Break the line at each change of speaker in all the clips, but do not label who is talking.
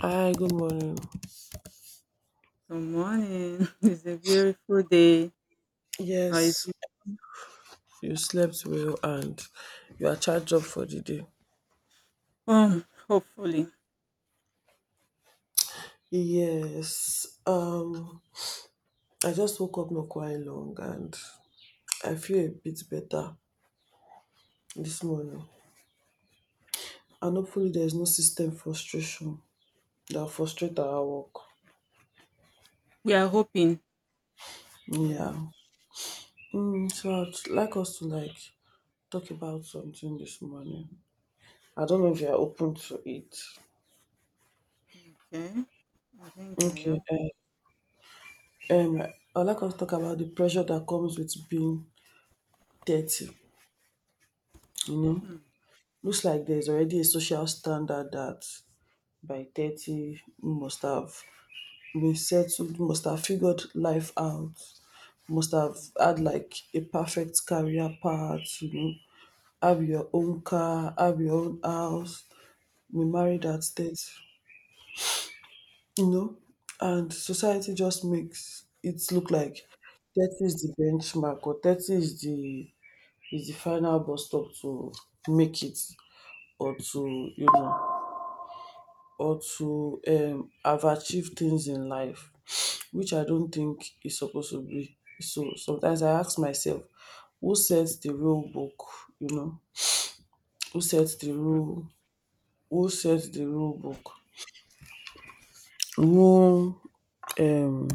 Hi, good morning.
Good morning. It's a beautiful day. Or is
Yes,
it?
you slept well and you are charged up for the day.
Hopefully.
Yes, I just woke up not quite long and I feel a bit better this morning. And hopefully, there's no system frustration that frustrate our work.
We are hoping. Yeah.
Yeah. So I'd like us to like talk about something this morning. I don't know if you are open to it.
Okay. I think I
Okay.
am.
Um, I'd like us to talk about the pressure that comes with being 30. you know,
Mm,
Looks like there's already a social standard that by 30 you must have been settled, you must have figured life out, must have had like a perfect career path, have your own car, have your own house, be married
mm,
at 30, you know, and society just makes it look like 30 is the benchmark or 30 is the final bus stop to make it or to or to have achieved things in life which I don't think is supposed to be. So sometimes I ask myself, who sets the rule book? You know, who sets the rule? Who sets the rule book? Who um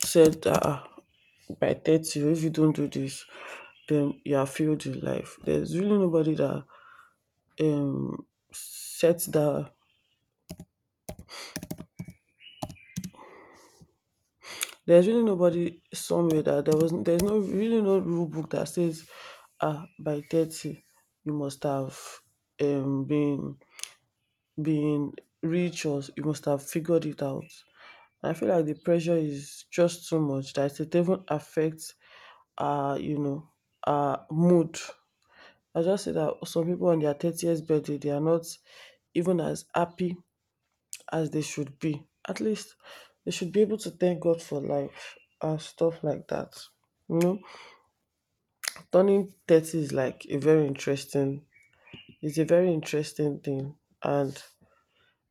said that by 30, if you don't do this, then you have failed in life. There's really nobody that um sets that. There's really nobody somewhere that there's no really no rule book that says by 30 you must have been been rich or you must have figured it out. I feel like the pressure is just too much that it even affects uh you know mood. I just say that some people on their 30th birthday they are not even as happy as they should be. At least they should be able to thank God for life and stuff like that. You know, turning 30 is like it's a very interesting thing. And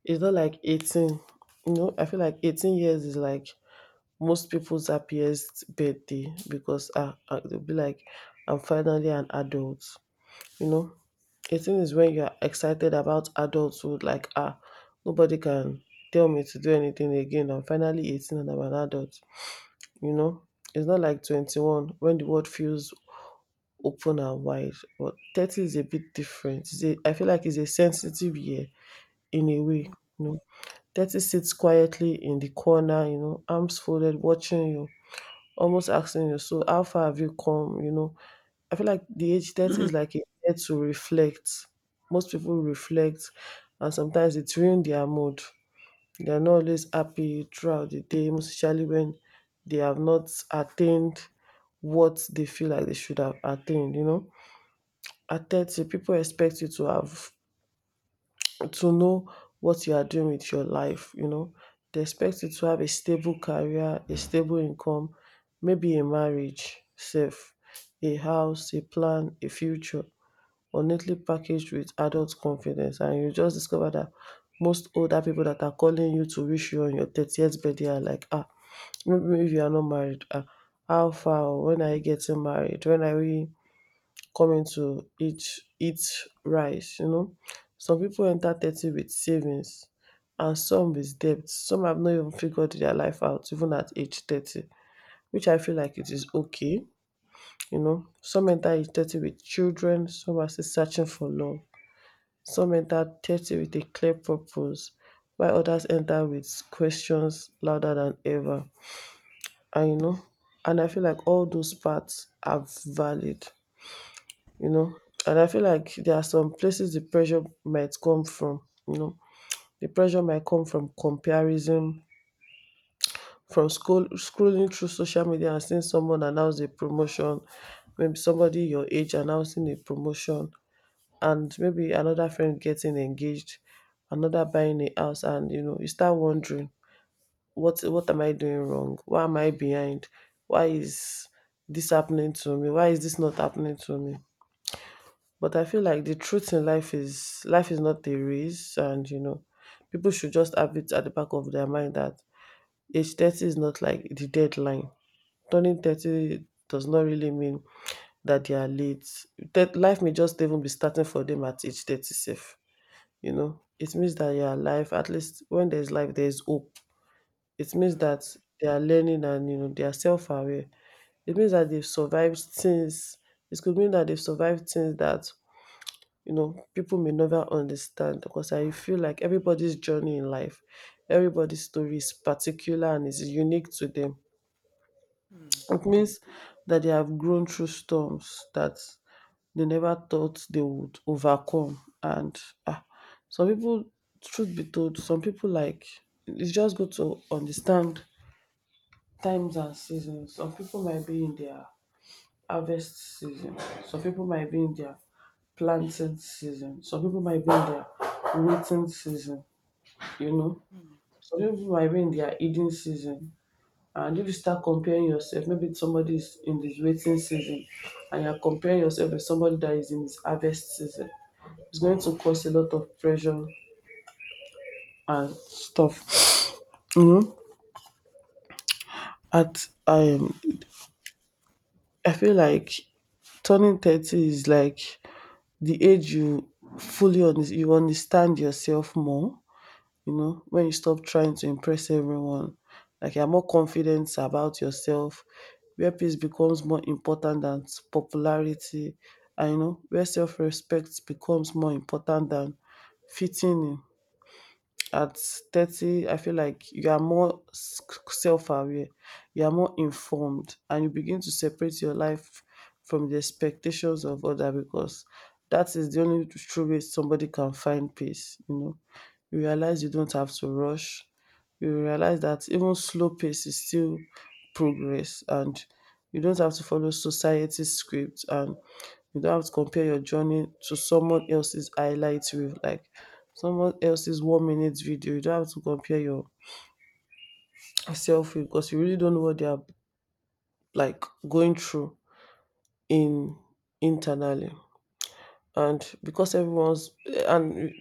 it's not like 18. I feel like 18 years is like most people's happiest birthday because they'll be like, I'm finally an adult, you know. The thing is when you are excited about adulthood, like, nobody can tell me to do anything again. I'm finally 18 and I'm an adult, you know? It's not like 21 when the world feels open and wide, but 30 is a bit different. I feel like it's a sensitive year in a way, you know? 30 sits quietly in the corner, arms folded, watching you, almost asking you, so how far have you come, you know? I feel like the age 30
mm,
is like a year to reflect. Most people reflect, and sometimes it ruins their mood. They are not always happy throughout the day, most especially when they have not attained what they feel like they should have attained. At 30, people expect you to have to know what you are doing with your life. They expect you to have a stable career, a stable income, maybe a marriage, safe, a house, a plan, a future or neatly packaged with adult confidence, and you just discover that most older people that are calling you to wish you on your 30th birthday are like, maybe if you are not married, how far, oh, when are you getting married, when are we coming to eat, eat rice. Some people enter 30 with savings and some with debt. Some have not even figured their life out, even at age 30, which I feel like it is okay. Some enter age 30 with children, some are still searching for love. Some enter 30 with a clear purpose, while others enter with questions louder than ever. And you know, and I feel like all those parts are valid, you know. And I feel like there are some places the pressure might come from, you know. The pressure might come from comparison, from scrolling through social media and seeing someone announce a promotion, maybe somebody your age announcing a promotion, and maybe another friend getting engaged, another buying a house, and you start wondering, what am I doing wrong? Why am I behind? Why is this happening to me? Why is this not happening to me? But I feel like the truth in life is not a race, and people should just have it at the back of their mind that age 30 is not like the deadline. Turning 30 does not really mean that they are late. That life may just even be starting for them at age 30 safe. It means that you're alive. At least when there's life, there's hope. It means
mm,
that they are learning and they are self-aware. It means that they've survived things. It could mean that they've survived things that people may never understand. Because I feel like everybody's journey in life, everybody's story is particular and is unique to them.
mm,
It means that they have grown through storms that they never thought they would overcome. And ah, some people, truth be told, some people, like, it's just good to understand times and seasons. Some people might be in their harvest season, some people might be in their planting season, some people might be in their waiting season, you know,
mm,
some people might be in their eating season. And if you start comparing yourself, maybe somebody is in his waiting season and you're comparing yourself with somebody that is in his harvest season, it's going to cause a lot of pressure and stuff. You know, at I feel like turning 30 is like the age you fully on you understand yourself more, when you stop trying to impress everyone. Like you're more confident about yourself, where peace becomes more important than popularity, and where self-respect becomes more important than fitting in. At 30, I feel like you are more self-aware. You are more informed, and you begin to separate your life from the expectations of others, because that is the only true way somebody can find peace. You realize you don't have to rush. You realize that even slow pace is still progress, and you don't have to follow society's script, and you don't have to compare your journey to someone else's highlight reel, like someone else's 1 minute video. You don't have to compare yourself with, because you really don't know what they are like going through in internally. And because everyone's and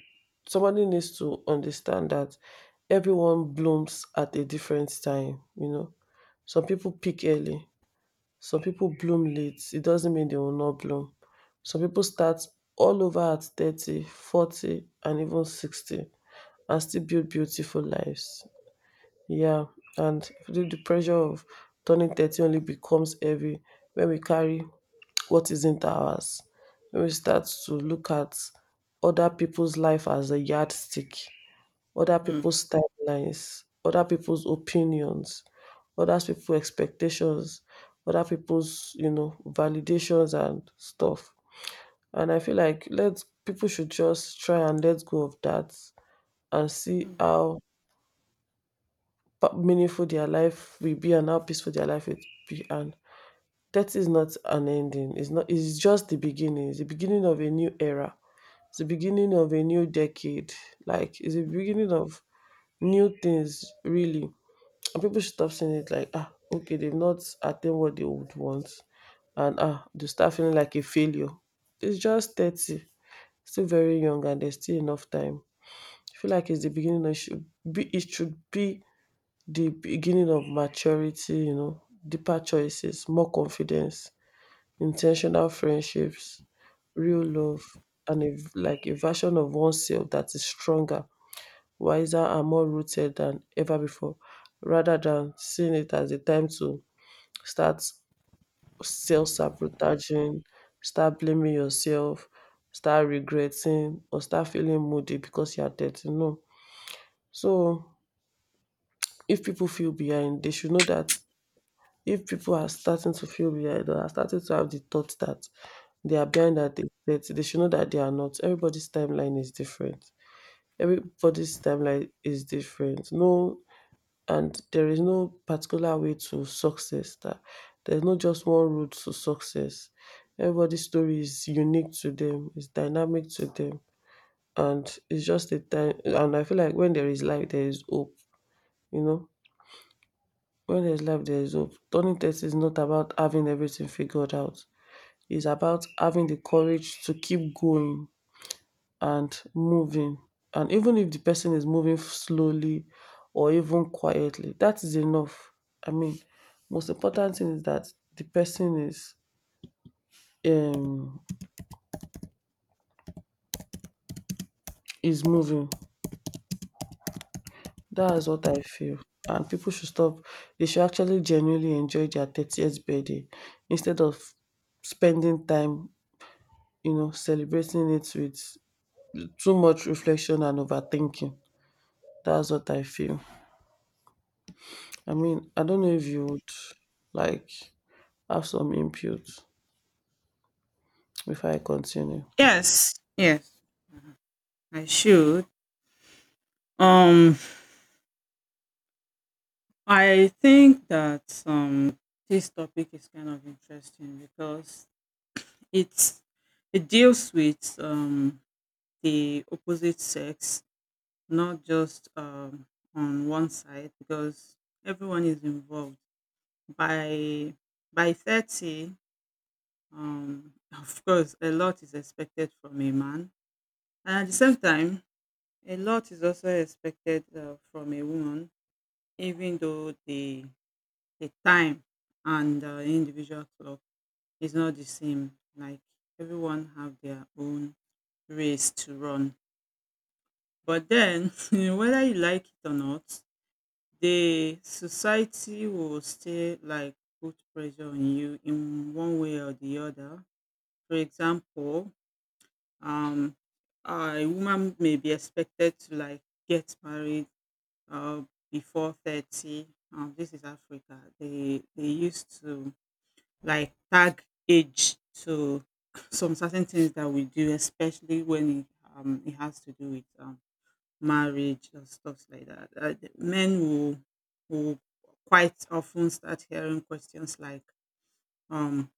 somebody needs to understand that everyone blooms at a different time. Some people peak early, some people bloom late. It doesn't mean they will not bloom. Some people start all over at 30, 40, and even 60, and still build beautiful lives. Yeah. And the pressure of turning 30 only becomes heavy when we carry what isn't ours, when we start to look at other people's life as a yardstick, other
mm.
people's timelines, other people's opinions, other people's expectations, other people's validations and stuff. And I feel like let's people should just try and let go of that and see
mm.
how meaningful their life will be and how peaceful their life will be. And death is not an ending. It's not. It's just the beginning. It's the beginning of a new era. It's the beginning of a new decade. Like it's the beginning of new things. Really, and people should stop saying it like okay they've not attained what they would want, and they start feeling like a failure. It's just 30, still very young, and there's still enough time. I feel like it's the beginning. It should be. It should be the beginning of maturity. You know, deeper choices, more confidence, intentional friendships, real love, and like a version of oneself that is stronger, wiser, and more rooted than ever before, rather than seeing it as a time to start self sabotaging, start blaming yourself, start regretting, or start feeling moody because you are 30. No. So, if people feel behind, they should know that. If people are starting to feel behind or are starting to have the thought that they are behind at the date, they should know that they are not. Everybody's timeline is different. Everybody's timeline is different. No, and there is no particular way to success. That there's not just one route to success. Everybody's story is unique to them. It's dynamic to them, and it's just a time. And I feel like when there is life, there is hope. You know, when there's life, there is hope. Turning 30 is not about having everything figured out. It's about having the courage to keep going and moving. And even if the person is moving slowly or even quietly, that is enough. I mean, most important thing is that the person um is moving. That is what I feel. And people should stop. They should actually genuinely enjoy their 30th birthday instead of spending time, celebrating it with too much reflection and overthinking. That's what I feel. I mean, I don't know if you would like have some input before I continue.
Yes. Yes. I should. Um, I think that this topic is kind of interesting because it's it deals with the opposite sex, not just on one side, because everyone is involved by 30. Um, of course a lot is expected from a man, and at the same time a lot is also expected from a woman, even though the time and individual clock is not the same. Like, everyone have their own race to run, but then whether you like it or not, the society will still like put pressure on you in one way or the other. For example, um, a woman may be expected to like get married uh, before 30. This is Africa. They used to like tag age to some certain things that we do, especially when it, it has to do with marriage and stuff like that. The men will quite often start hearing questions like, um,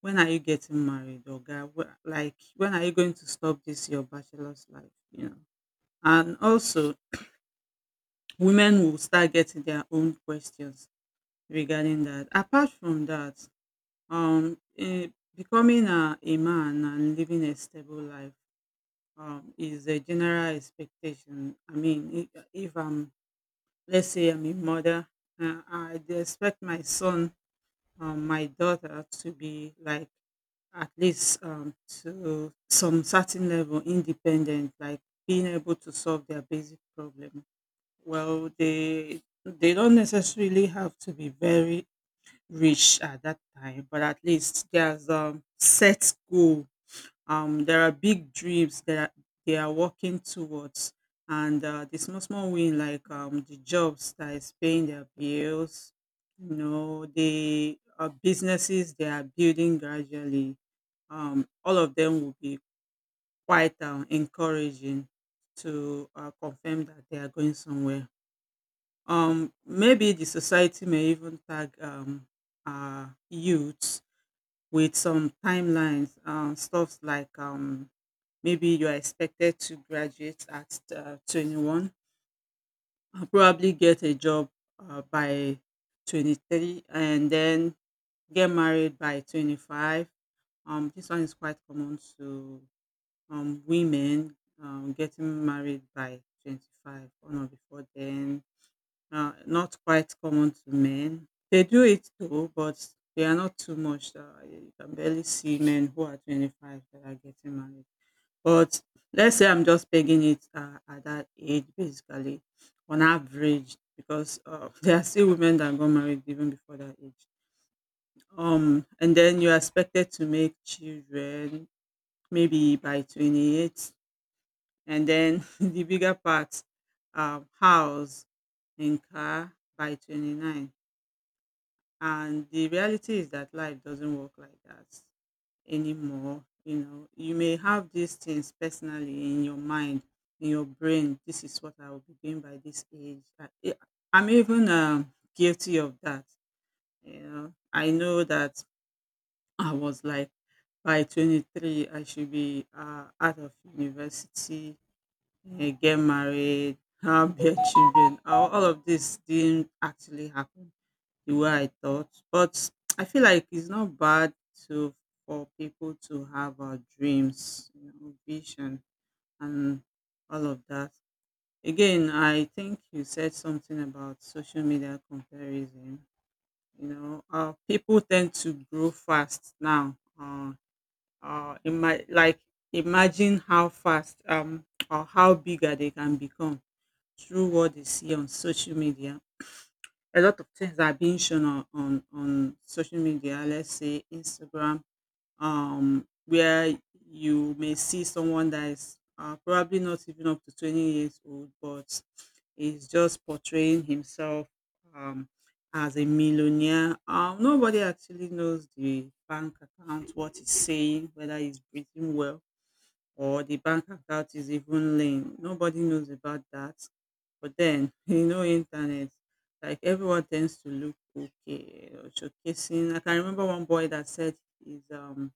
when are you getting married, or guy, like when are you going to stop this your bachelor's life, you know? And also, women will start getting their own questions regarding that. Apart from that, um, eh, becoming a man and living a stable life is a general expectation. I mean, if I'm— let's say I'm a mother, I dey expect my son or my daughter to be like at least to some certain level independent, like being able to solve their basic problem. Well, they don't necessarily have to be very rich at that time, but at least there's set goal, there are big dreams that they are working towards, and the small small win, like the jobs that is paying their bills, you know, the businesses they are building gradually. All of them will be quite encouraging to confirm that they are going somewhere. Maybe the society may even tag youths with some timelines, stuffs like maybe you are expected to graduate at 21, probably get a job by 23, and then get married by 25. This one is quite common to women getting married by 25 on or before then, not quite common to men. They do it though, but they are not too much. You can barely see men who are 25 that are getting married. But let's say I'm just pegging it at that age, basically, on average, because there are still women that got married even before that age. And then you're expected to make children maybe by 28, and then the bigger part, house and car by 29. And the reality is that life doesn't work like that anymore. You know, you may have these things personally in your mind, in your brain. This is what I will be doing by this age. I'm even guilty of that. You know, I know that I was like by 23, I should be out of university, get married, have their children. All of this didn't actually happen the way I thought. But I feel like it's not bad to— for people to have dreams, you know, vision, and all of that. Again, I think you said something about social media comparison. You know, people tend to grow fast now. Like, imagine how fast or how bigger they can become through what they see on social media. A lot of things are being shown on on social media, let's say Instagram, where you may see someone that is probably not even up to 20 years old, but is just portraying himself um, as a millionaire. Nobody actually knows the bank account, what he's saying, whether he's breathing well or the bank account is even linked. Nobody knows about that. But then, you know, internet, like everyone tends to look okay or showcasing. I can remember one boy that said he's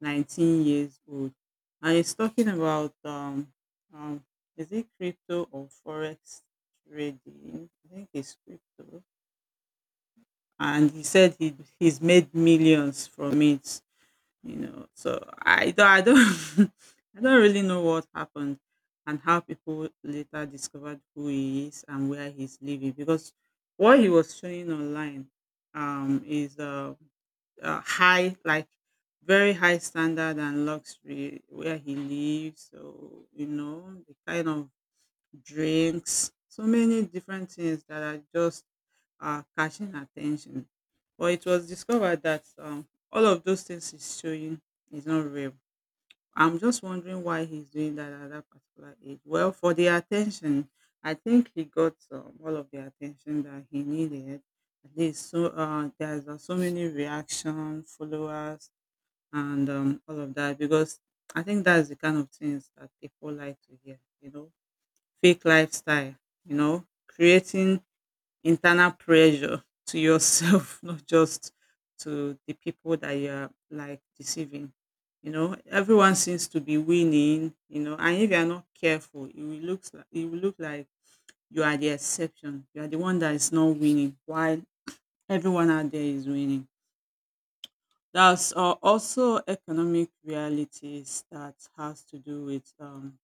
19 years old, and he's talking about um is it crypto or forex trading? I think it's crypto, and he said he's made millions from it, you know. So I don't I don't really know what happened and how people later discovered who he is and where he's living, because what he was showing online is high, like very high standard and luxury where he lives. So you know the kind of drinks, so many different things that are just are catching attention. But it was discovered that all of those things he's showing is not real. I'm just wondering why he's doing that at that particular age. Well, for the attention, I think he got all of the attention that he needed. At least so there's so many reaction, followers, and all of that, because I think that's the kind of things that people like to hear. You know, fake lifestyle. You know, creating internal pressure to yourself, not just to the people that you're like deceiving. You know, everyone seems to be winning, you know, and if you're not careful, it will look like you are the exception. You are the one that is not winning while everyone out there is winning. There's also economic realities that has to do with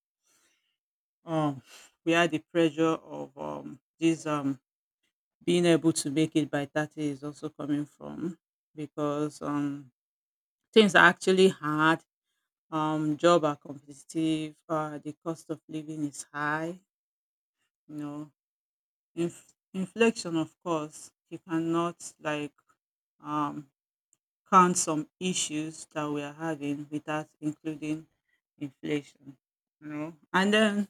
um, we are the pressure of these being able to make it by 30 is also coming from, because things are actually hard. Job are competitive. The cost of living is high. You know, inflation, of course, you cannot like um, count some issues that we are having without including inflation. You know, and then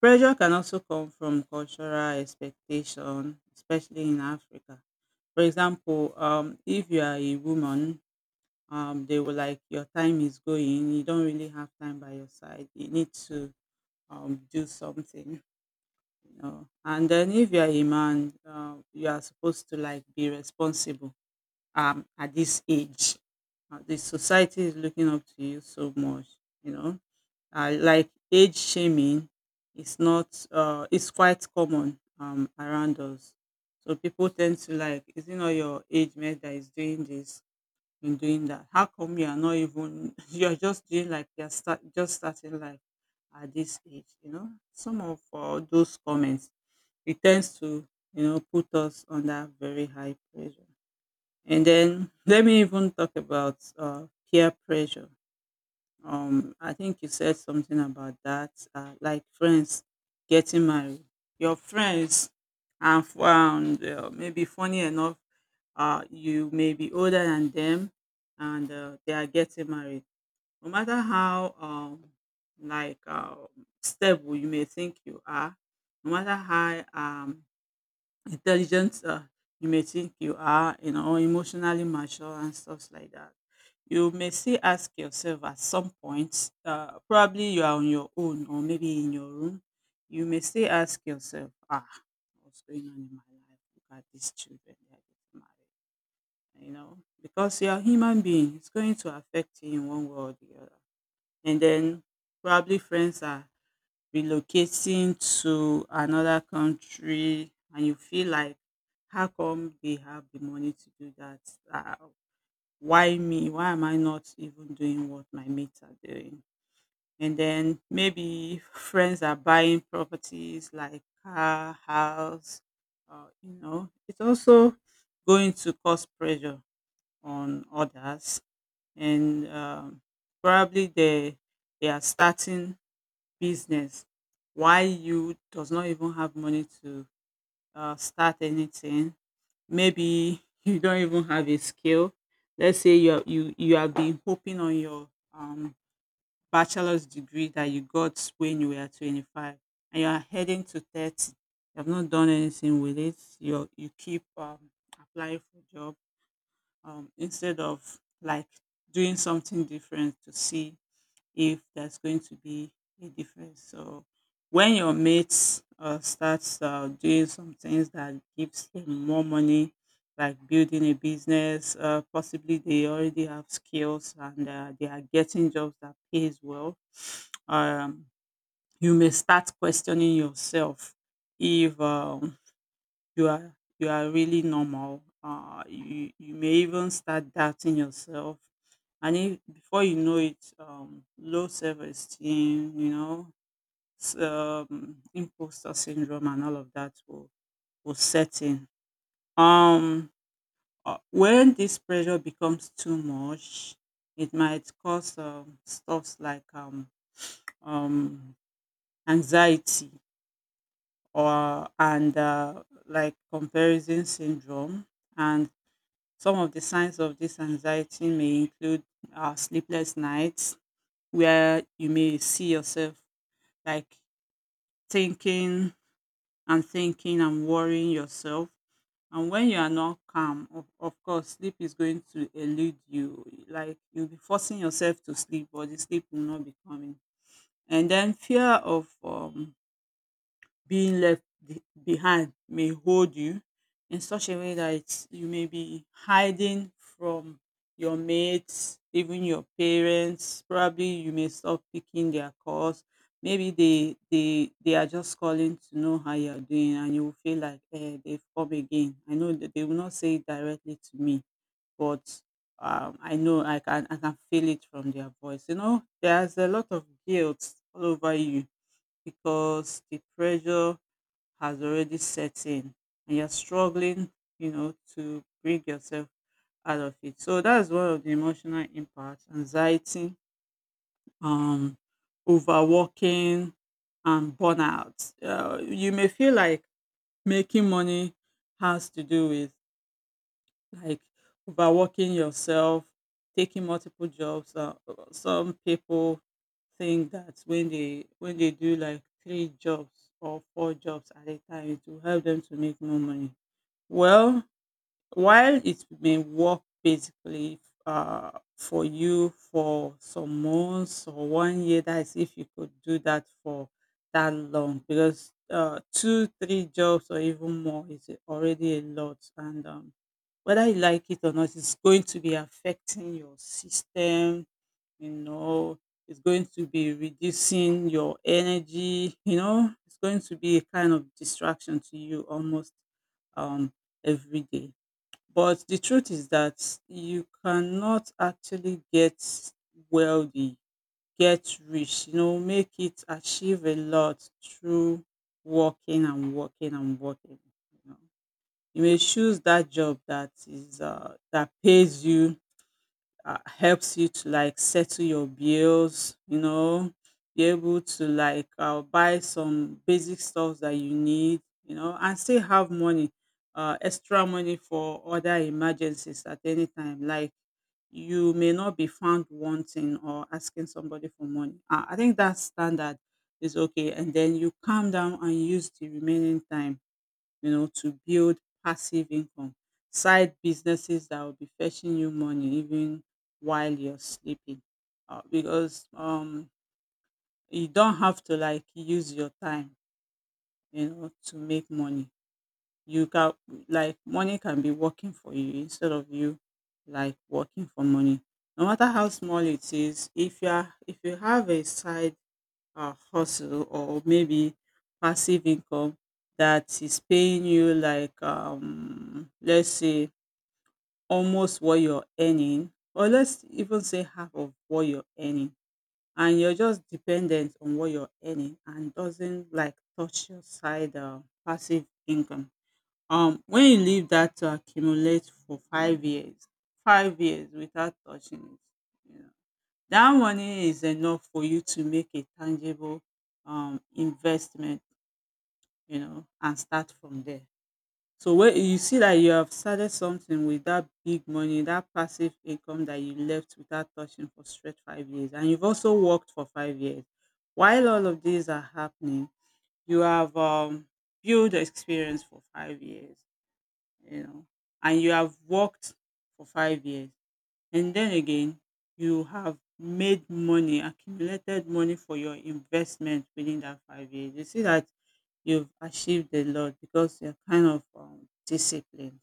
pressure can also come from cultural expectation, especially in Africa. For example, if you are a woman, they will like your time is going. You don't really have time by your side. You need to do something, you know. And then if you are a man, you are supposed to like be responsible. At this age, the society is looking up to you so much, you know, like age shaming is not it's quite common around us. So people tend to like, is it not your age mate that is doing this and doing that, how come you are not even you're just doing like just starting life at this age, you know. Some of those comments, it tends to, you know, put us under very high pressure. And then let me even talk about peer pressure. Um, I think you said something about that, like friends getting married. Your friends are found maybe funny enough, you may be older than them, and they are getting married. No matter how like uh, stable you may think you are, no matter how intelligent you may think you are, you know, emotionally mature and stuff like that. You may still ask yourself at some point, probably you are on your own or maybe in your room, you may still ask yourself, ah, what's going on in my life? Look at these children, they are getting married, you know, because you are a human being, it's going to affect you in one way or the other. And then probably friends are relocating to another country and you feel like, how come they have the money to do that? Uh, why me? Why am I not even doing what my mates are doing? And then maybe friends are buying properties like car, house, you know. It's also going to cause pressure on others, and probably they are starting business, why you does not even have money to start anything, maybe you don't even have a skill. Let's say you you have been hoping on your bachelor's degree that you got when you were 25, and you are heading to 30. You have not done anything with it, you keep applying for job, instead of like doing something different to see if there's going to be a difference. So when your mates starts doing some things that gives them more money, like building a business, possibly they already have skills and they are getting jobs that pays well. Um, you may start questioning yourself if you are really normal. You may even start doubting yourself. And if before it, low self-esteem, imposter syndrome and all of that will set in. um when this pressure becomes too much, it might cause stuffs like um anxiety or and like comparison syndrome. And some of the signs of this anxiety may include sleepless nights where you may see yourself, like, thinking and thinking and worrying yourself. And when you are not calm, of course, sleep is going to elude you. Like, you'll be forcing yourself to sleep, but the sleep will not be coming. And then fear of being left behind may hold you in such a way that you may be hiding from your mates, even your parents. Probably you may stop picking their calls. Maybe they are just calling to know how you are doing, and you will feel like, eh, they've come again. I know that they will not say it directly to me, but I know I can feel it from their voice. You know, there's a lot of guilt all over you because the pressure has already set in and you're struggling, you know, to bring yourself out of it. So that's one of the emotional impacts: anxiety, um, overworking, and burnout. You may feel like making money has to do with, like, overworking yourself, taking multiple jobs. Some people think that when they do like three jobs or four jobs at a time, it will help them to make more money. Well, while it may work basically for you for some months or 1 year, that is if you could do that for that long, because two, three jobs or even more is already a lot. And whether you like it or not, it's going to be affecting your system, you know. It's going to be reducing your energy, you know. It's going to be a kind of distraction to you almost um, every day. But the truth is that you cannot actually get wealthy, get rich, you know, make it, achieve a lot, through working and working and working. You know, you may choose that job that is that pays you, helps you to, like, settle your bills, you know, be able to, like, buy some basic stuff that you need, you know, and still have money, extra money for other emergencies at any time. Like, you may not be found wanting or asking somebody for money. I think that standard is okay. And then you calm down and use the remaining time, you know, to build passive income, side businesses that will be fetching you money even while you're sleeping. Because you don't have to, like, use your time, you know, to make money. You can, like, money can be working for you instead of you, like, working for money. No matter how small it is, if you have a side hustle or maybe passive income that is paying you like, let's say almost what you're earning, or let's even say half of what you're earning, and you're just dependent on what you're earning and doesn't like touch your side passive income, when you leave that to accumulate for 5 years, 5 years, without touching it, you know, that money is enough for you to make a tangible investment, you know, and start from there. So when you see that you have started something with that big money, that passive income that you left without touching for straight 5 years, and you've also worked for 5 years. While all of these are happening, you have built experience for 5 years, you know, and you have worked for 5 years, and then again, you have made money, accumulated money for your investment within that 5 years. You see that you've achieved a lot because you're kind of disciplined,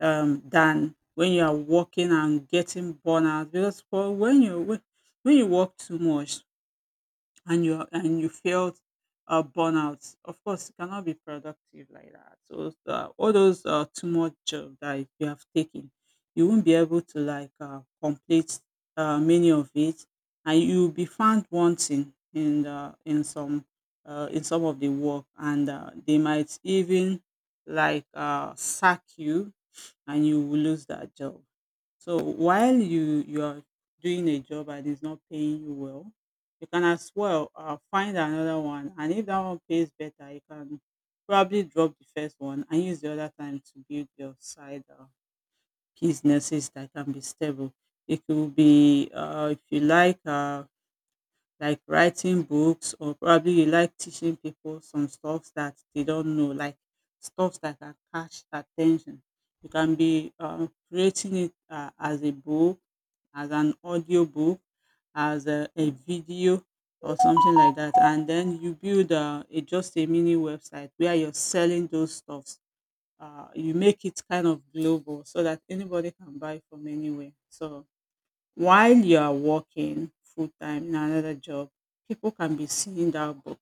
than when you are working and getting burnout. Because for when you work too much, and you felt burnout. Of course, you cannot be productive like that. So all those too much job that you have taken, you won't be able to, like, complete many of it, and you'll be found wanting in in some of the work, and they might even, like, sack you, and you will lose that job. So while you are doing a job and it's not paying you well, you can as well find another one. And if that one pays better, you can probably drop the first one and use the other time to build your side businesses that can be stable. It could be if you like, like writing books, or probably you like teaching people some stuff that they don't know, like stuff that can catch their attention. You can be creating it as a book, as an audiobook, as a video or something like that. And then you build a just a mini website where you're selling those stuffs. You make it kind of global so that anybody can buy from anywhere. So while you are working full time in another job, people can be seeing that book,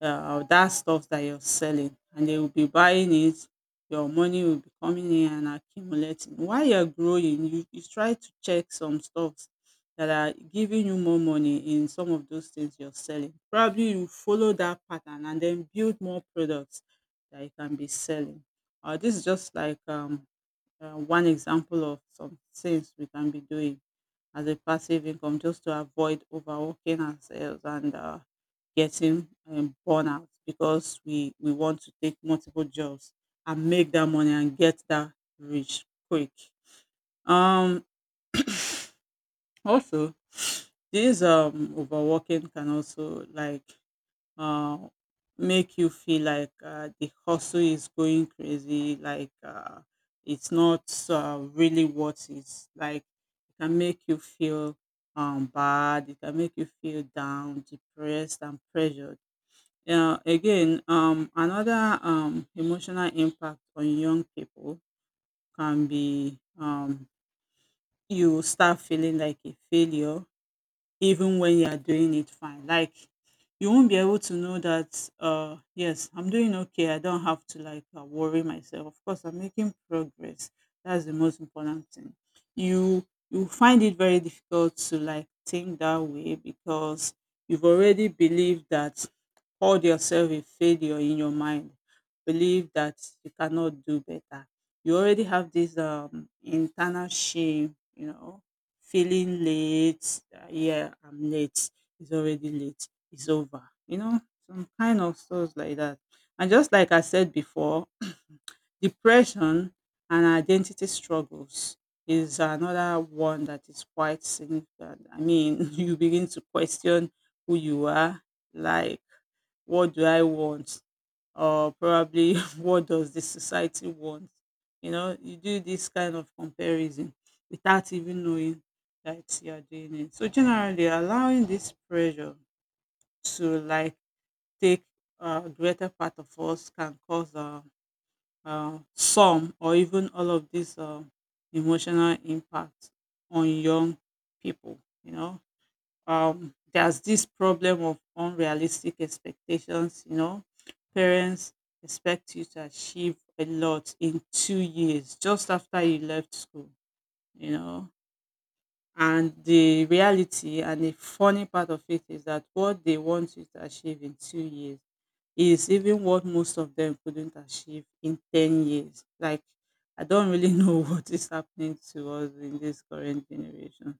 that stuff that you're selling, and they will be buying it. Your money will be coming in and accumulating while you're growing. You you try to check some stuffs that are giving you more money in some of those things you're selling. Probably you follow that pattern and then build more products that you can be selling. Uh, this is just like one example of some things we can be doing as a passive income, just to avoid overworking ourselves and getting burnout because we want to take multiple jobs and make that money and get that rich quick. Um, Also, this overworking can also, like, uh make you feel like, the hustle is going crazy, like, it's not really what it's like. It can make you feel bad. It can make you feel down, depressed and pressured. Yeah, again, another emotional impact on young people can be, you start feeling like a failure even when you are doing it fine. Like, you won't be able to know that, yes, I'm doing okay. I don't have to like, worry myself. Of course, I'm making progress. That's the most important thing. You find it very difficult to like think that way because you've already believed that. Hold yourself a failure in your mind. Believe that you cannot do better. You already have this internal shame, you know, feeling late. Uh, yeah, I'm late. It's already late. It's over. You know, some kind of stuff like that. And just like I said before, depression and identity struggles is another one that is quite significant. I mean, you begin to question who you are, like, what do I want? Or probably what does the society want? You know, you do this kind of comparison without even knowing that you are doing it. So generally allowing this pressure to, like, take greater part of us can cause some or even all of this emotional impact on young people. You know, there's this problem of unrealistic expectations. You know, parents expect you to achieve a lot in 2 years just after you left school, you know. And the reality and the funny part of it is that what they want you to achieve in 2 years is even what most of them couldn't achieve in 10 years. Like, I don't really know what is happening to us in this current generation,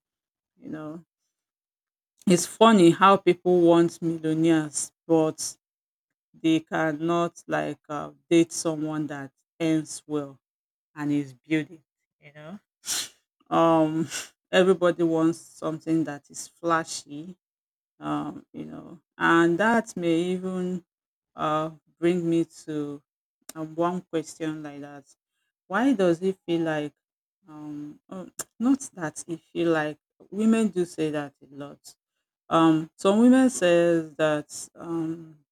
you know. It's funny how people want millionaires, but they cannot like, date someone that earns well and is building. You know? Um, everybody wants something that is flashy, you know, and that may even uh, bring me to one question like that. Why does it feel like, oh, not that it feel like, women do say that a lot. Some women says that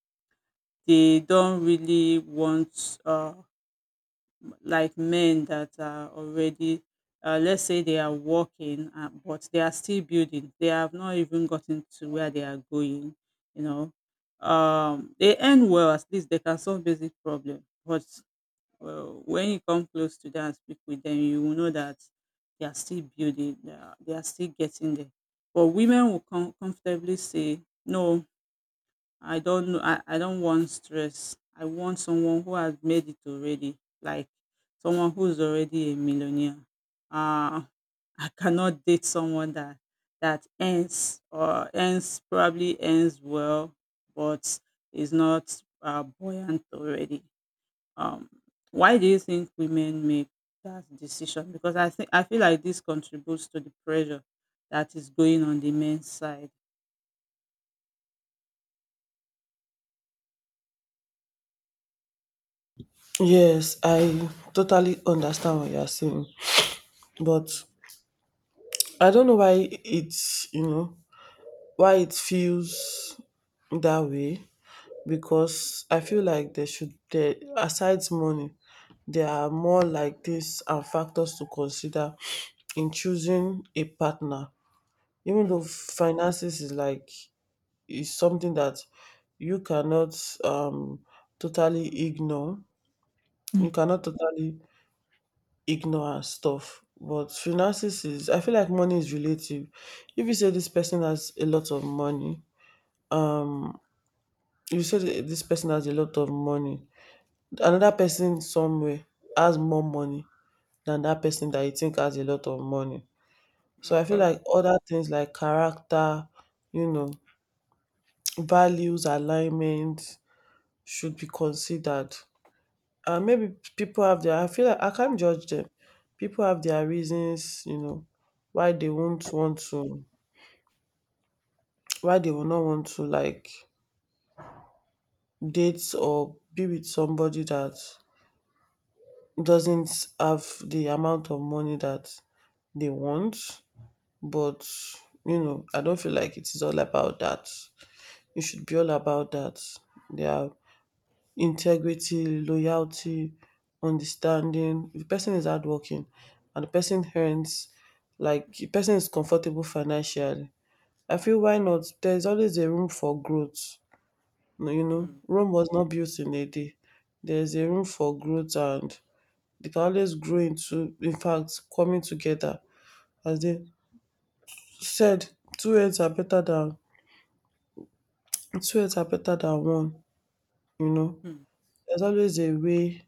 they don't really want like men that are already let's say they are working, but they are still building, they have not even gotten to where they are going, you know. They end well, at least they can solve basic problem, but, well, when you come close to them and speak with them, you will know that they are still building, they are still getting there. But women will comfortably say no. I don't know. I don't want stress. I want someone who has made it already, like someone who's already a millionaire. Uh, I cannot date someone that earns or earns probably earns well, but is not buoyant already. Um, why do you think women make that decision? Because I think I feel like this contributes to the pressure that is going on the men's side.
Yes, I totally understand what you're saying, but
Mm.
I don't know why why it feels that way, because I feel like there aside money, there are more like this and factors to consider in choosing a partner. Even though
Mm,
finances is is something that you cannot um totally ignore. You
mm.
cannot totally ignore and stuff. But finances is, I feel like money is relative. If you say this person has a lot of money, um you say this person has a lot of money. Another person somewhere has more money than that person that you think has a lot of money. So I
Of
feel
course.
like other things like character, you know, values, alignment should be considered. Maybe people I feel like I can't judge them. People have their reasons, you know, why they won't want to, why they will not want to like date or be with somebody that doesn't have the amount of money that they want. But, I don't feel like it is all about that. It should be all about that. They are integrity, loyalty, understanding. If the person is hardworking and the person earns, like the person is comfortable financially, I feel, why not? There's always a room for growth. No, Rome was not built in a day. There's a room for growth, and they can always grow into, in fact, coming together. As they said, two heads are better than two heads are better than one. You know,
Mm,
there's always a way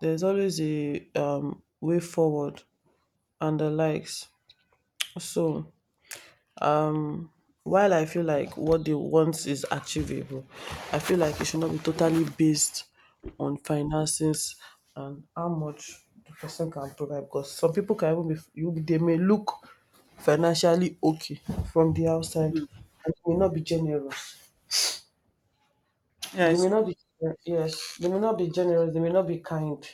there's always a um, way forward and the likes. So, um, while I feel like what they want is achievable, I feel like it should not be totally based on finances and how much the person can provide. Because some people can even be, they may look financially okay from the outside,
mm.
and they may not be generous.
Yeah,
They
it's
may not
true.
be yes, they may not be generous. They may not be kind.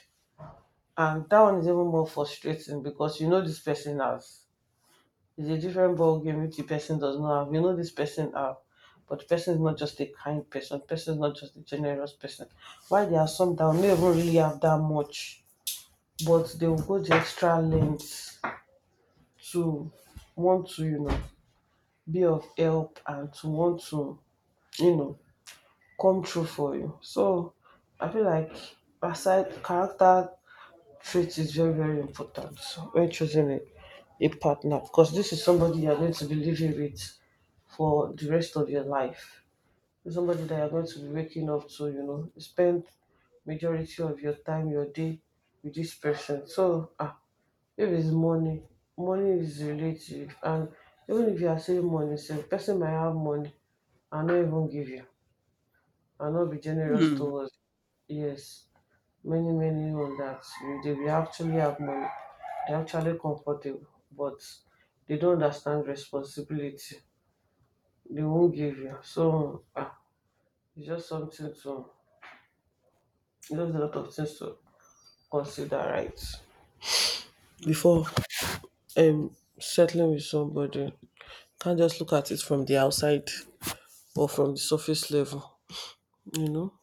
And that one is even more frustrating because you know this person has. It's a different ball game if the person does not have. You know this person have, but the person is not just a kind person. The person is not just a generous person. Why, there are some that may even really have that much, but they will go the extra lengths to want to, be of help, and to want to, you know, come true for you. So I feel like, aside character, faith is very, very important when choosing a partner, because this is somebody you are going to be living with for the rest of your life. It's somebody that you're going to be waking up to, spend majority of your time, your day with this person. So if it's money, money is relative. And even if you are saving money, say person might have money and not even give you, and not be generous
Mm,
towards. Yes. Many, many on that, they will actually have money. They're actually comfortable, but they don't understand responsibility. They won't give you. So it's just, something to there's a lot of things to consider, right,
mm.
before settling with somebody. Can't just look at it from the outside or from the surface level you know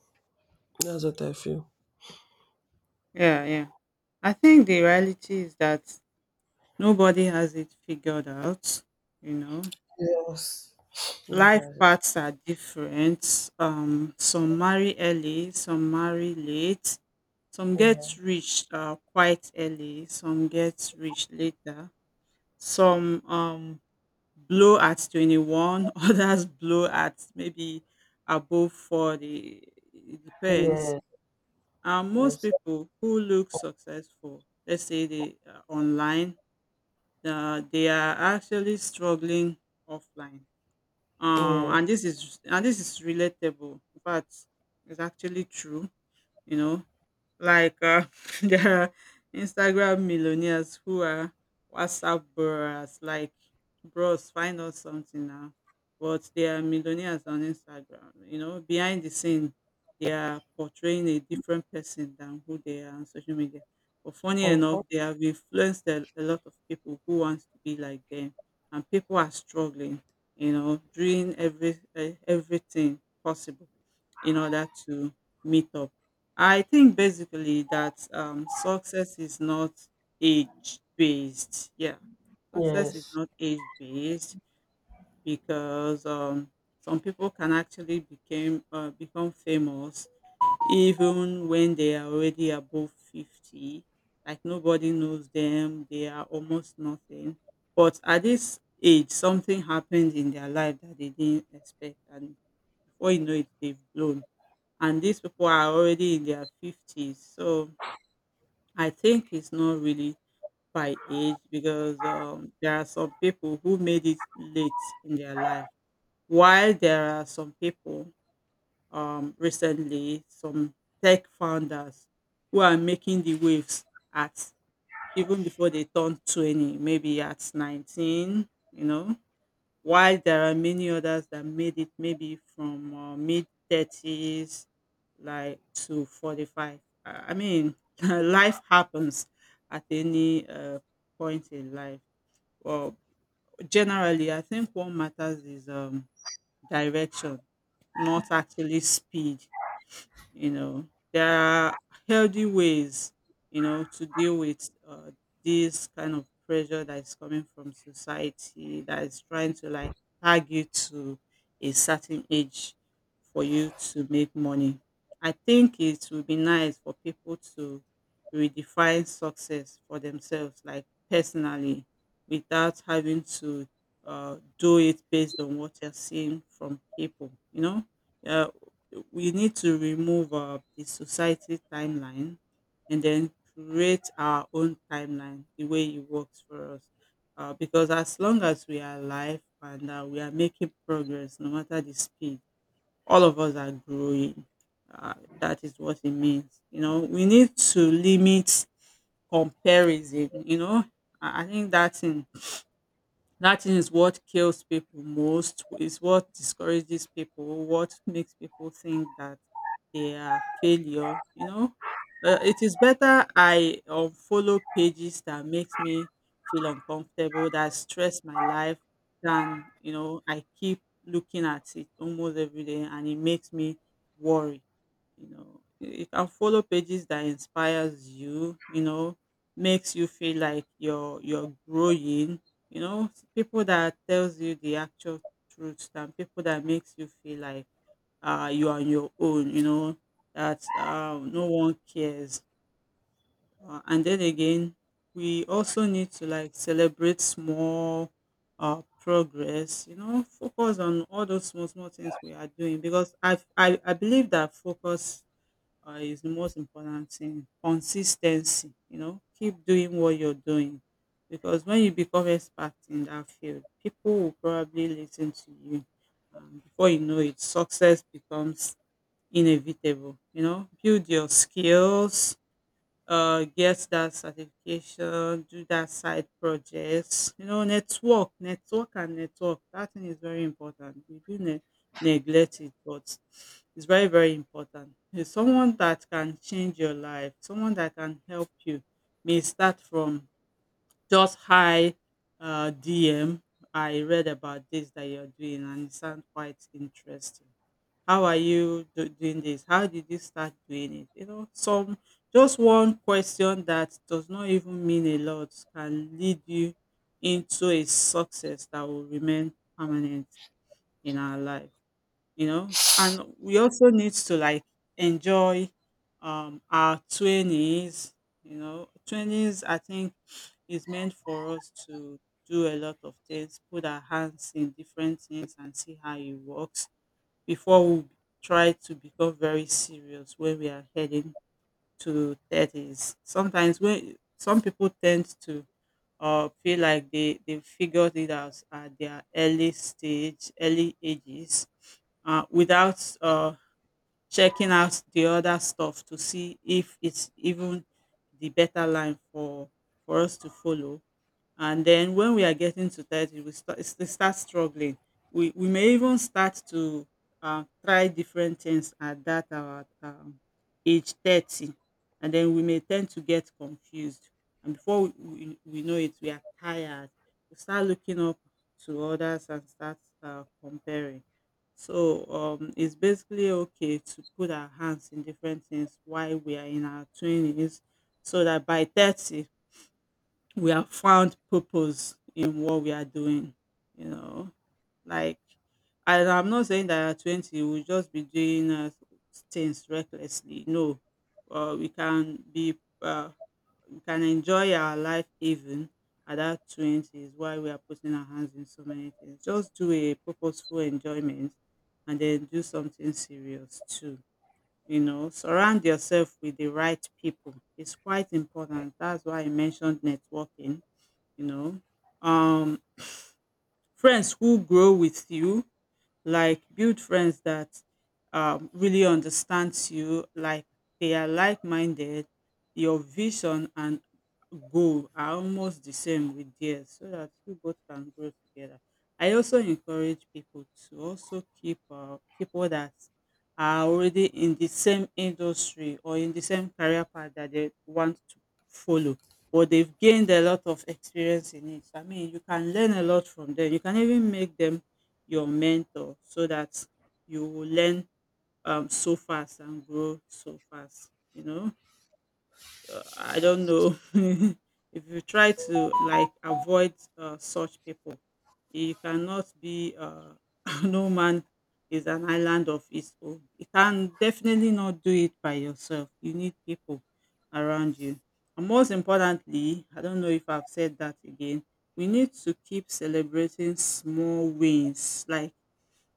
that's what I feel.
Yeah, yeah. I think the reality is that nobody has it figured out, you know.
Yes. Nobody
Life
has it.
paths are different. Some marry early, some marry late, some
Yeah.
get rich quite early, some get rich later, some blow at 21, others blow at maybe above 40. It depends.
Yes.
And most
Yes.
people who look successful, let's say they are online, they are actually struggling offline. Um,
Yes.
and this is and this is relatable. In fact, it's actually true. You know, like there are Instagram millionaires who are WhatsApp bros. Like, bros, find out something now. But they are millionaires on Instagram. You know, behind the scene, they are portraying a different person than who they are on social media. But funny
Uh-huh.
enough, they have influenced a lot of people who want to be like them, and people are struggling. You know, doing everything possible in order to meet up. I think basically that success is not age based. Yeah, success is
Yes.
not age based because some people can actually became become famous even when they are already above 50. Like nobody knows them; they are almost nothing. But at this age, something happened in their life that they didn't expect, and before you know it, they've blown, and these people are already in their 50s. So I think it's not really by age, because there are some people who made it late in their life, while there are some people, recently some tech founders who are making the waves at even before they turn 20, maybe at 19, while there are many others that made it maybe from mid 30s like to 45. I mean, life happens at any point in life. Well, generally I think what matters is direction, not actually speed. You know, there are healthy ways to deal with this kind of pressure that is coming from society, that is trying to like tag you to a certain age for you to make money. I think it would be nice for people to redefine success for themselves, like personally, without having to do it based on what you're seeing from people. You know, yeah, we need to remove the society timeline and then create our own timeline the way it works for us, because as long as we are alive, and we are making progress no matter the speed, all of us are growing. That is what it means. We need to limit comparison. I think that's in. That thing is what kills people most, is what discourages people, what makes people think that they are failure. It is better I unfollow pages that makes me feel uncomfortable, that stress my life, than I keep looking at it almost every day, and it makes me worry. You can follow pages that inspires you you know makes you feel like you're growing you know people that tells you the actual truth, and people that makes you feel like you are on your own. You know that no one cares, and then again, we also need to like celebrate small progress. Focus on all those small small things we are doing, because I believe that focus is the most important thing. Consistency, keep doing what you're doing. Because when you become expert in that field, people will probably listen to you. Before you know it, success becomes inevitable. You know, build your skills, get that certification, do that side projects, network, network and network. That thing is very important. We do neglect it, but it's very, very important. It's someone that can change your life, someone that can help you may start from just high DM. I read about this that you're doing and it sounds quite interesting. How are you doing this? How did you start doing it? You know, some just one question that does not even mean a lot can lead you into a success that will remain permanent in our life. And we also need to like enjoy our 20s. 20s, I think, is meant for us to do a lot of things, put our hands in different things and see how it works before we try to become very serious when we are heading to 30s. Sometimes when some people tend to feel like they figured it out at their early stage, early ages, without checking out the other stuff to see if it's even the better line for us to follow. And then when we are getting to 30, we start struggling. We may even start to try different things at that our age 30. And then we may tend to get confused, and before we know it, we are tired. We start looking up to others and start comparing. So it's basically okay to put our hands in different things while we are in our 20s so that by 30 we have found purpose in what we are doing you know like and I'm not saying that at 20 we'll just be doing things recklessly. No, uh, we can be uh, we can enjoy our life even at that 20 is why we are putting our hands in so many things, just do a purposeful enjoyment. And then do something serious too. Surround yourself with the right people. It's quite important. That's why I mentioned networking you know um Friends who grow with you, like build friends that really understands you, like they are like-minded. Your vision and goal are almost the same with theirs so that you both can grow together. I also encourage people to also keep people that are already in the same industry or in the same career path that they want to follow, or they've gained a lot of experience in it. I mean, you can learn a lot from them. You can even make them your mentor so that you will learn so fast and grow so fast. You know, I don't know. If you try to like avoid such people, you cannot be no man is an island of its own. You can definitely not do it by yourself. You need people around you. And most importantly, I don't know if I've said that again, we need to keep celebrating small wins, like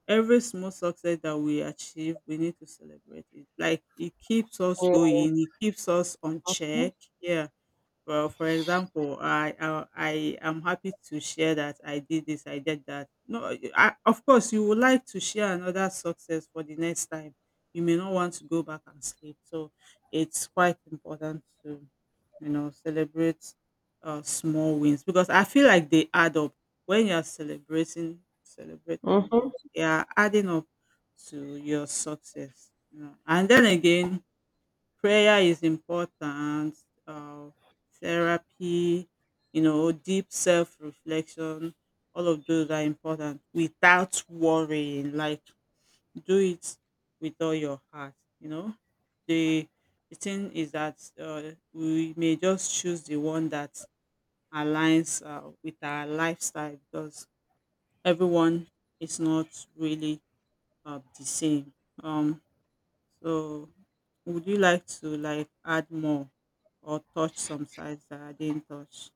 every small success that we achieve, we need to celebrate it. Like it keeps us
Mhm.
going, it keeps us on check. Yeah. Well, for example, I am happy to share that I did this, I did that. No, of course, you would like to share another success for the next time. You may not want to go back and sleep, so it's quite important to celebrate small wins, because I feel like they add up. When you're celebrating, celebrate another
Mhm.
one, they are adding up to your success. And then again, prayer is important, uh, therapy, deep self-reflection. All of those are important, without worrying. Like, do it with all your heart you know the the thing is that we may just choose the one that aligns with our lifestyle, because everyone is not really the same um so would you like to like add more or touch some sides that I didn't touch?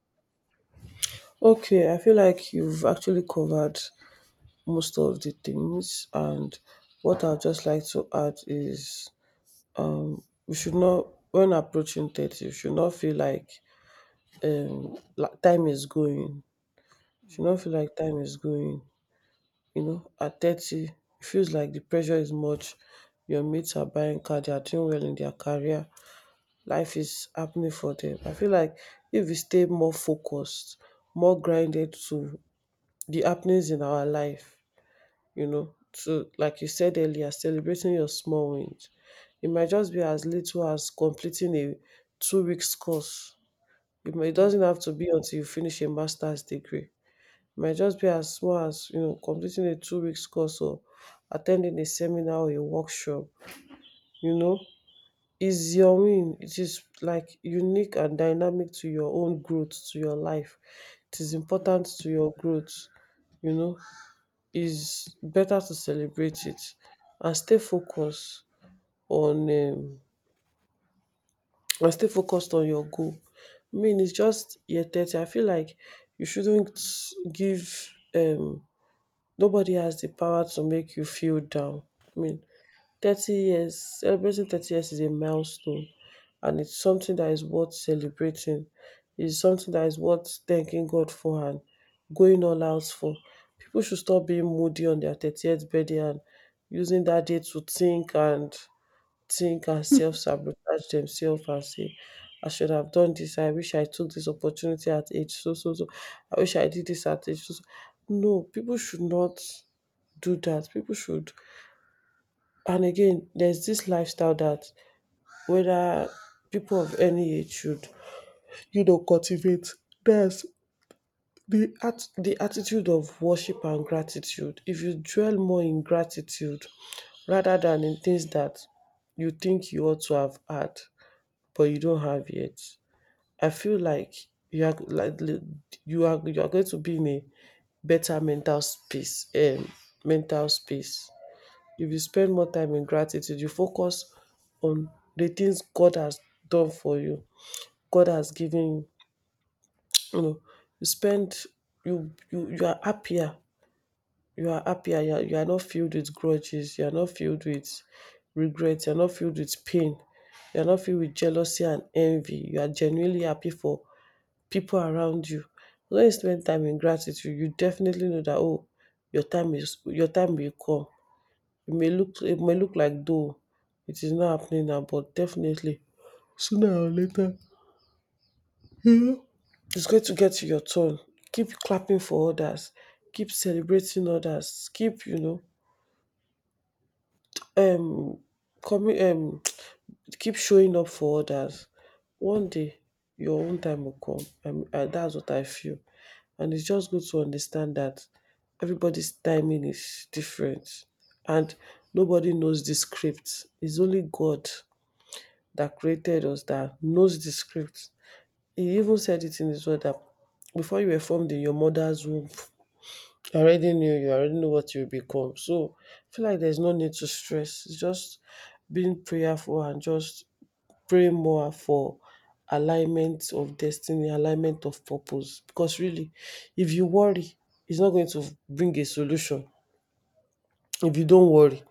Okay, I feel like you've actually covered most of the things, and what I'd just like to add is, um, we should not, when approaching 30, you should not feel like time is going. You should not feel like time is going. At 30, it feels like the pressure is much. Your mates are buying car, they are doing well in their career, life is happening for them. I feel like, if we stay more focused, more grinded to the happenings in our life, to like you said earlier, celebrating your small wins. It might just be as little as completing a 2 weeks course. It doesn't
Mm,
have to be until you finish a master's degree. It might just be as small as completing a 2 weeks course or attending a seminar or a workshop. You know, is your win. It is like unique and dynamic to your own growth, to your life. It is
mm,
important to your growth you know is better to celebrate it and stay focused on and stay focused on your goal. I mean, it's just year 30. I feel like you shouldn't give nobody has the power to make you feel down. I mean, 30 years, celebrating 30 years, is a milestone, and it's something that is worth celebrating. It's something that is worth thanking God for and going all out for. People should stop being moody on their 30th birthday and using that day to think and self sabotage themselves and say, I should have done this. I wish I took this opportunity at age so so so. I wish I did this at age so so. No, people should not do that. People should and again, there's this lifestyle that, whether, people of any age should, cultivate. There's the attitude of worship and gratitude. If you dwell more in gratitude rather than in things that you think you ought to have had but you don't have yet, I feel like you are like li- you are going to be in a better mental space. If you spend more time in gratitude, you focus on the things God has done for you, God has given you. You know, you spend you you you are happier. You are happier. You are not filled with grudges. You are not filled with regrets. You are not filled with pain. You are not filled with jealousy and envy. You are genuinely happy for people around you. When you spend time in gratitude, you definitely know that, oh, your time will come. It may look like, though it is not happening now, but definitely it's going to get to your turn. Keep clapping for others, keep celebrating others, keep you know um coming keep showing up for others. One day your own time will come. And that's what I feel, and it's just good to understand that everybody's timing is different, and nobody knows the script. It's only God that created us, that knows the script. He even said it in His word that before you were formed in your mother's womb, I already knew you, I already know what you become. So I feel like there's no need to stress. It's just being prayerful and just praying more for alignment of destiny, alignment of purpose. Because really, if you worry, it's not going to bring a solution. If you don't worry,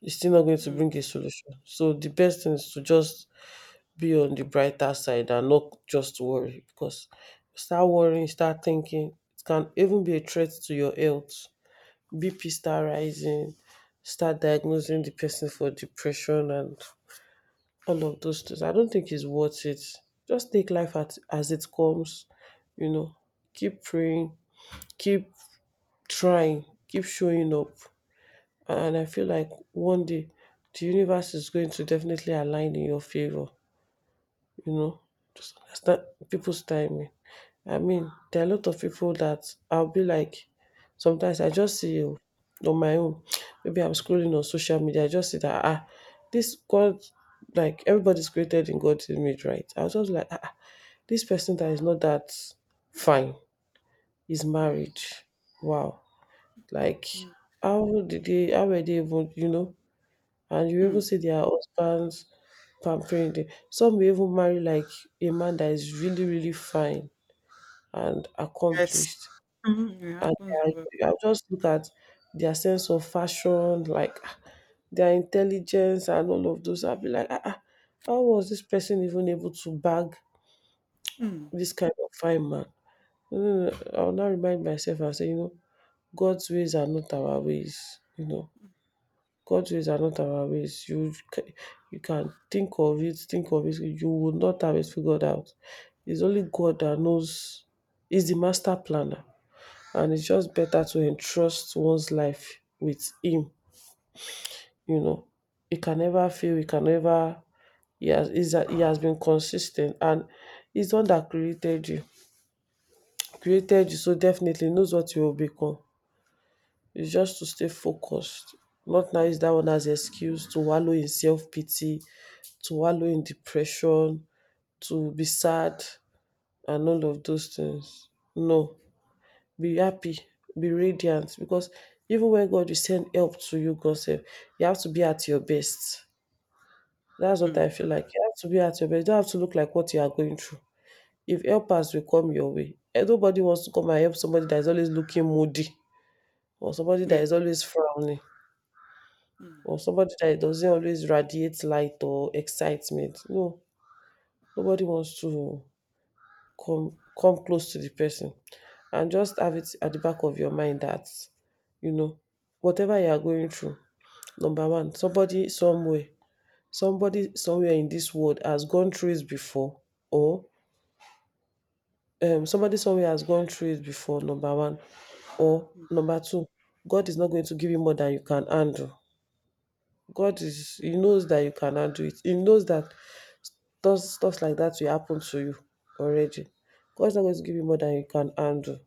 it's still not going to
mm,
bring a solution. So the best thing is to just be on the brighter side and not just worry, because you start worrying, you start thinking, it can even be a threat to your health. BP start rising, start diagnosing the person for depression and all of those things. I don't think it's worth it. Just take life as it comes. you know, Keep praying, keep trying, keep showing up. And I feel like one day the universe is going to definitely align in your favor. you know, just understand people's timing. I mean, there are a lot of people that I'll be like, sometimes I just see you on my own. Maybe I'm scrolling on social media, I just see that, this God, like everybody's created in God's image, right? I was just like, this person that is not that fine is
mm,
married. Wow, like,
mm,
how did they? How were they even? And you even
mm.
see their husbands pampering them. Some may even marry like a man that is really, really fine and
Yes.
accomplished.
Mm, it
And
happens
they
well.
I just look at their sense of fashion, like, their intelligence and all of those. I'll be like, how was this person even able to bag
Mm,
this kind of fine man? No, no, no, I'll now remind myself and say, God's ways are not our ways. God's ways are not our ways. You can think of it, think of it. You will not have it figured out. It's only God that knows. He's the master planner, and it's just better to entrust one's life with Him. You know, He can never fail. He can never. He has been consistent, and he's the one that created you. Created you, so definitely knows what you will become. It's just to stay focused, not now use that one as excuse to wallow in self pity, to wallow in depression, to be sad, and all of those things. No, be happy, be radiant, because even when God will send help to you, God said you have to be at your best. That's what I
mm.
feel like. You have to be at your best. You don't have to look like what you are going through. If helpers will come your way, eh, nobody wants to come and help somebody that is always looking moody, or somebody that
Yeah.
is always frowning,
Mm.
or somebody that doesn't always radiate light or excitement. No, nobody wants to come close to the person, and just have it at the back of your mind that you know whatever you are going through. Number one, somebody somewhere in this world has gone through it before, or somebody somewhere has gone through it before. Number one. Or number two, God is not going to give you more than you can handle. God is- he knows that you can handle it, he knows that those stuff like that will happen to you already. God's not going to give you more than you can handle,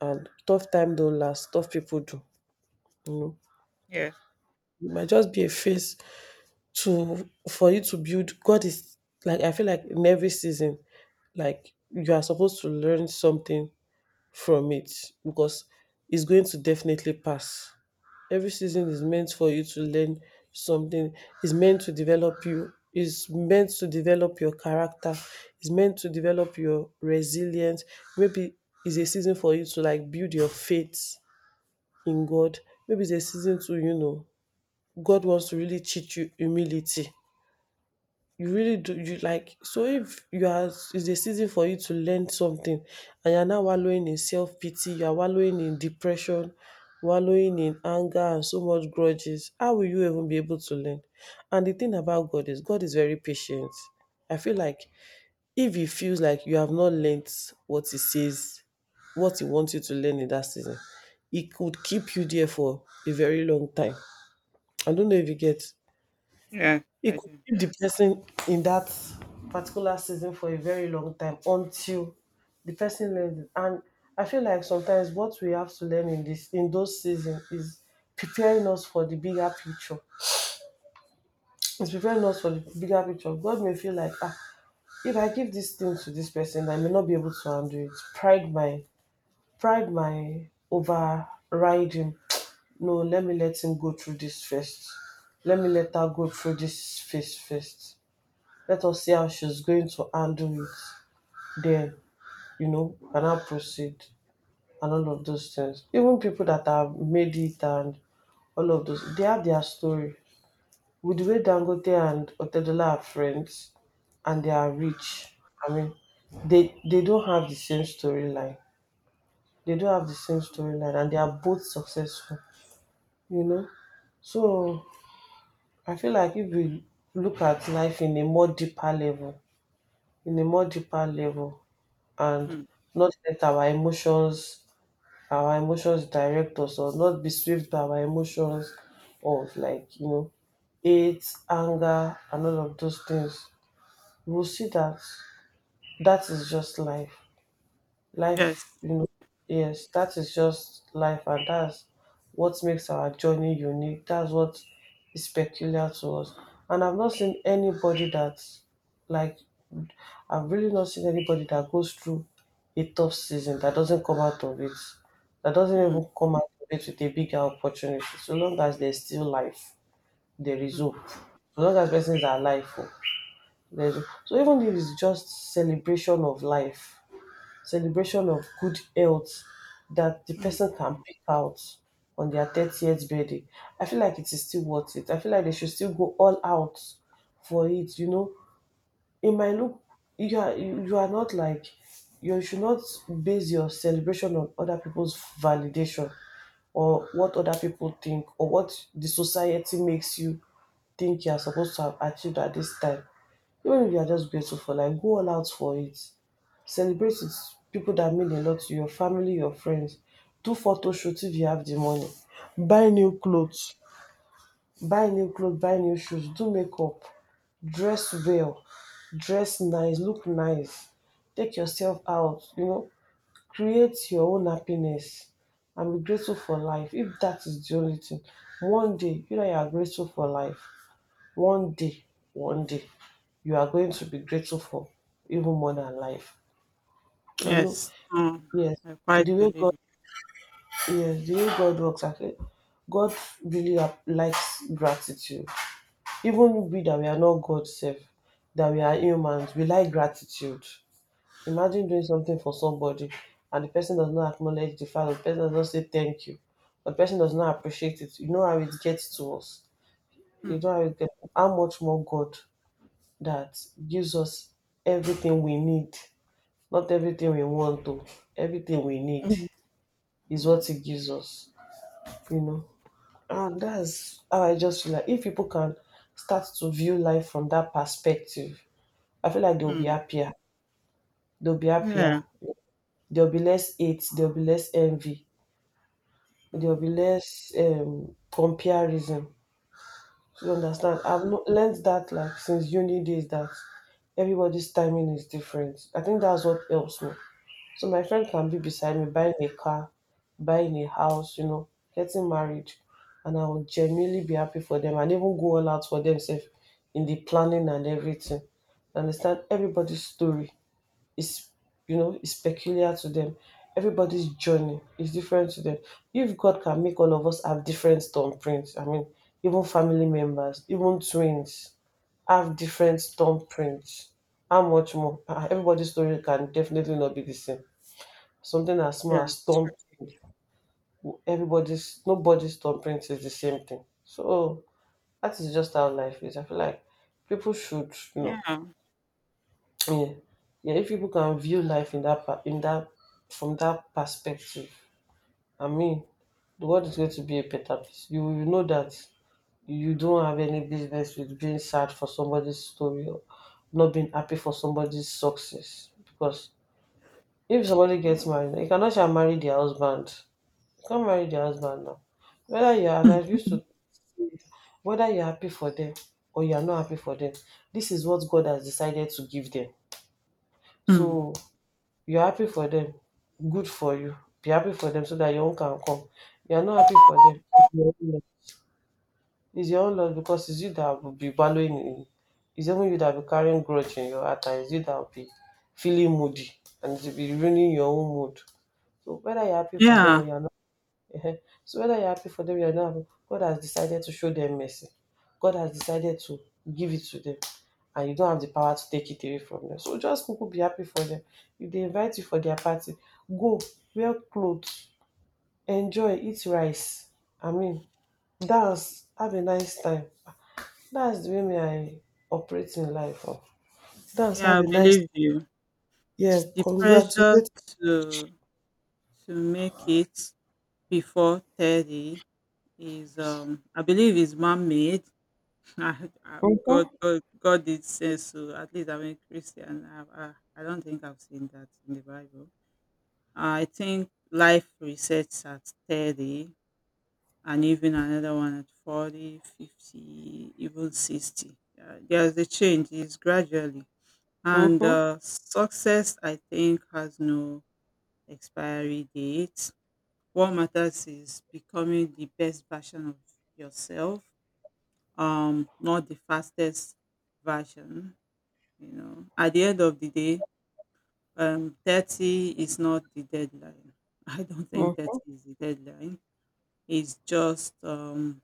and tough time don't last, tough people do you know
Yeah,
it might just be a phase to for you to build. God is Like, I feel like in every season, like, you are supposed to learn something from it, because it's going to definitely pass. Every season is meant for you to learn something, is meant to develop you, is meant to develop your character, is meant to develop your resilience. Maybe it's a season for you to, like, build your faith in God. Maybe it's a season to, you know, God wants to really teach you humility. You really do. You like, so if you are, it's a season for you to learn something, and you're now wallowing in self-pity, you are wallowing in depression, wallowing in anger and so much grudges. How will you even be able to learn? And the thing about God is very patient. I feel like if you feels like you have not learnt what he says, what he wants you to learn in that season, it could keep you there for a very long time. I don't know if you get.
yeah,
It
I
could
do.
keep the person in that particular season for a very long time until the person learns it. And I feel like sometimes what we have to learn in this in those seasons is preparing us for the bigger picture. It's preparing us for the bigger picture. God may feel like, if I give this thing to this person, I may not be able to handle it. Pride my overriding. No, let me let him go through this first. Let me let her go through this phase first. Let us see how she's going to handle it. Then, you know, can I proceed, and all of those things. Even people that have made it and all of those, they have their story. With the way Dangote and Otedola are friends and they are rich, I mean, they don't have the same storyline. They don't have the same
Mhm,
storyline, and they are both successful. You know, so I feel like if we look at life in a more deeper level, in a more deeper level, and
mm.
not let our emotions direct us, or not be swept by our emotions of, like, hate, anger, and all of those things, we will see that that is just life.
Yes.
Life, yes, that is just life, and that's what makes our journey unique. That's what is peculiar to us. And like, I've really not seen anybody that goes through a tough season that doesn't come out of it, that doesn't
Mm,
even come out of it with a bigger opportunity. So long as there's still life, there is
mm,
hope. So long as persons are alive, oh, so even if it's just celebration of life, celebration of good health that the
mm.
person can pick out on their 30th birthday, I feel like it is still worth it. I feel like they should still go all out for it. It might look, you are, you are not, like, you should not base your celebration on other people's validation, or what other people think, or what the society makes you think you are supposed to have achieved at this time. Even if you are just grateful for life, go all out for it. Celebrate with people that mean a lot to you, your family, your friends. Do photo shoot if you have the money. Buy new clothes. Buy new clothes, buy new shoes, do makeup. Dress well, dress nice, look nice. Take yourself out, you know, create your own happiness, and be grateful for life. If that is the only thing one day, you know, you are grateful for life, one day, one day, you are going to be grateful for even more than life. I know,
Yes. Mm,
yes,
I quite
the way
believe
God,
you.
yes, the way God works, okay, God really likes gratitude. Even we that we are not God self, that we are humans, we like gratitude. Imagine doing something for somebody, and the person does not acknowledge the fact, the person does not say thank you, the person does not appreciate it. You know how it gets to us. You
Mm,
know how it gets, how much more God that gives us everything we need. Not everything we want to, everything we need
mhm,
is what it gives us, you know. And that's how I just feel like if people can start to view life from that perspective, I feel like they'll be
mm.
happier. They'll be
Yeah.
happier. There'll be less hate. There'll be less envy. There'll
Mm,
be less comparison. You
mm.
understand? I've learned that, like, since uni days, that everybody's timing is different. I think that's what helps me. So my friend can be beside me buying a car, buying a house, you know, getting married. And I will genuinely be happy for them, and even go all out for themselves in the planning and everything. You understand? Everybody's story is you know is peculiar to them. Everybody's journey is different to them. If God can make all of us have different thumbprints, I mean, even family members, even twins have different thumbprints. How much more? Ah, everybody's story can definitely not be the same. Something as small
Yeah.
as thumbprint. Everybody's nobody's thumbprint is the same thing. So that is just how life is. I feel like people should,
Yeah.
yeah, yeah. If people can view life in that pa- in that from that perspective, I mean, the world is going to be a better place. You will know that you don't have any business with being sad for somebody's story, or not being happy for somebody's success. Because if somebody gets married, you cannot shall marry their husband. Come marry the husband now. Whether you are, and I used to say it, whether you're happy for them or you're not happy for them, this is what God has decided to give them.
Mm,
So, you're happy for them, good for you. Be happy for them so that your own can come. You're not happy for them, it's your own loss. It's your own loss, because it's you that will be ballowing in. It's even you that will be carrying grudge in your heart, and it's you that will be feeling moody, and it will be ruining your own mood. So whether you're happy for them or
yeah.
you're, ehen. So whether you're happy for them or you're not happy, God has decided to show them mercy. God has decided to give it to them. And you don't have the power to take it away from them. So just kuku be happy for them. If they invite you for their party, go, wear clothes, enjoy, eat rice. I mean, dance, have a nice time. That's the way me I operate in life. Oh. Dance, have
Yeah, I
a nice,
believe you.
yeah,
The pressure
congratulate.
to to make it before 30 is, I believe, is man-made. I, I,
Mm-hmm,
God, God, God did say so. At least I'm a Christian. I don't think I've seen that in the Bible. I think life resets at 30, and even another one at 40, 50, even 60. There's a change, it's gradually. And
mm-hmm,
success, I think, has no expiry date. What matters is becoming the best version of yourself, not the fastest version. You know, at the end of the day, 30 is not the deadline. I don't think
mm-hmm,
30 is the deadline. It's just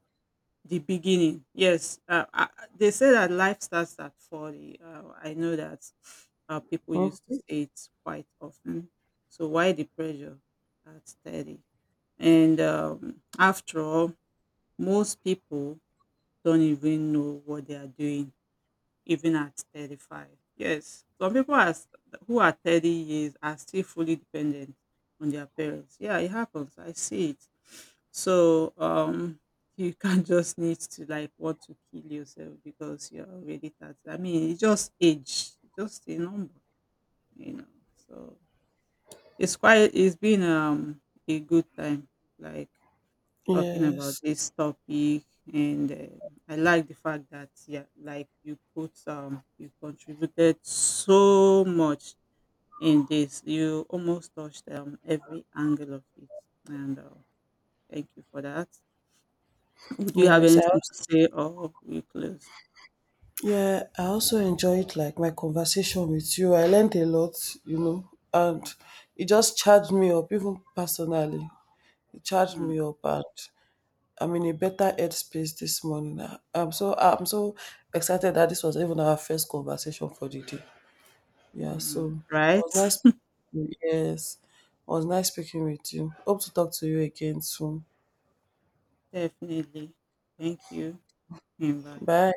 the beginning. Yes, they say that life starts at 40. I know that people used to
mm-hmm.
say it quite often. So why the pressure at 30? And after all, most people don't even know what they are doing even at 35. Yes, some people who are 30 years are still fully dependent on their parents. Yeah, it happens. I see it. So you can't just need to like want to kill yourself because you're already 30. I mean, it's just age, just a number, you know. So it's been a good time. Like, talking about
Yes.
this topic, and I like the fact that, yeah, like you contributed so much in this. You almost touched every angle of it, and thank you for that. Would you have
Yes. I
anything to say, or we close?
Yeah, I also enjoyed, like, my conversation with you. I learned a lot, and
Mm,
it just charged me up, even personally. It charged
mm,
me up, and I'm in a better headspace this morning. I'm so excited that this was even our first conversation for the day. Yeah,
mm.
so it was
Right.
nice. Yes, it was nice speaking with you. Hope to talk to you again soon.
Definitely. Thank you and bye.
Bye.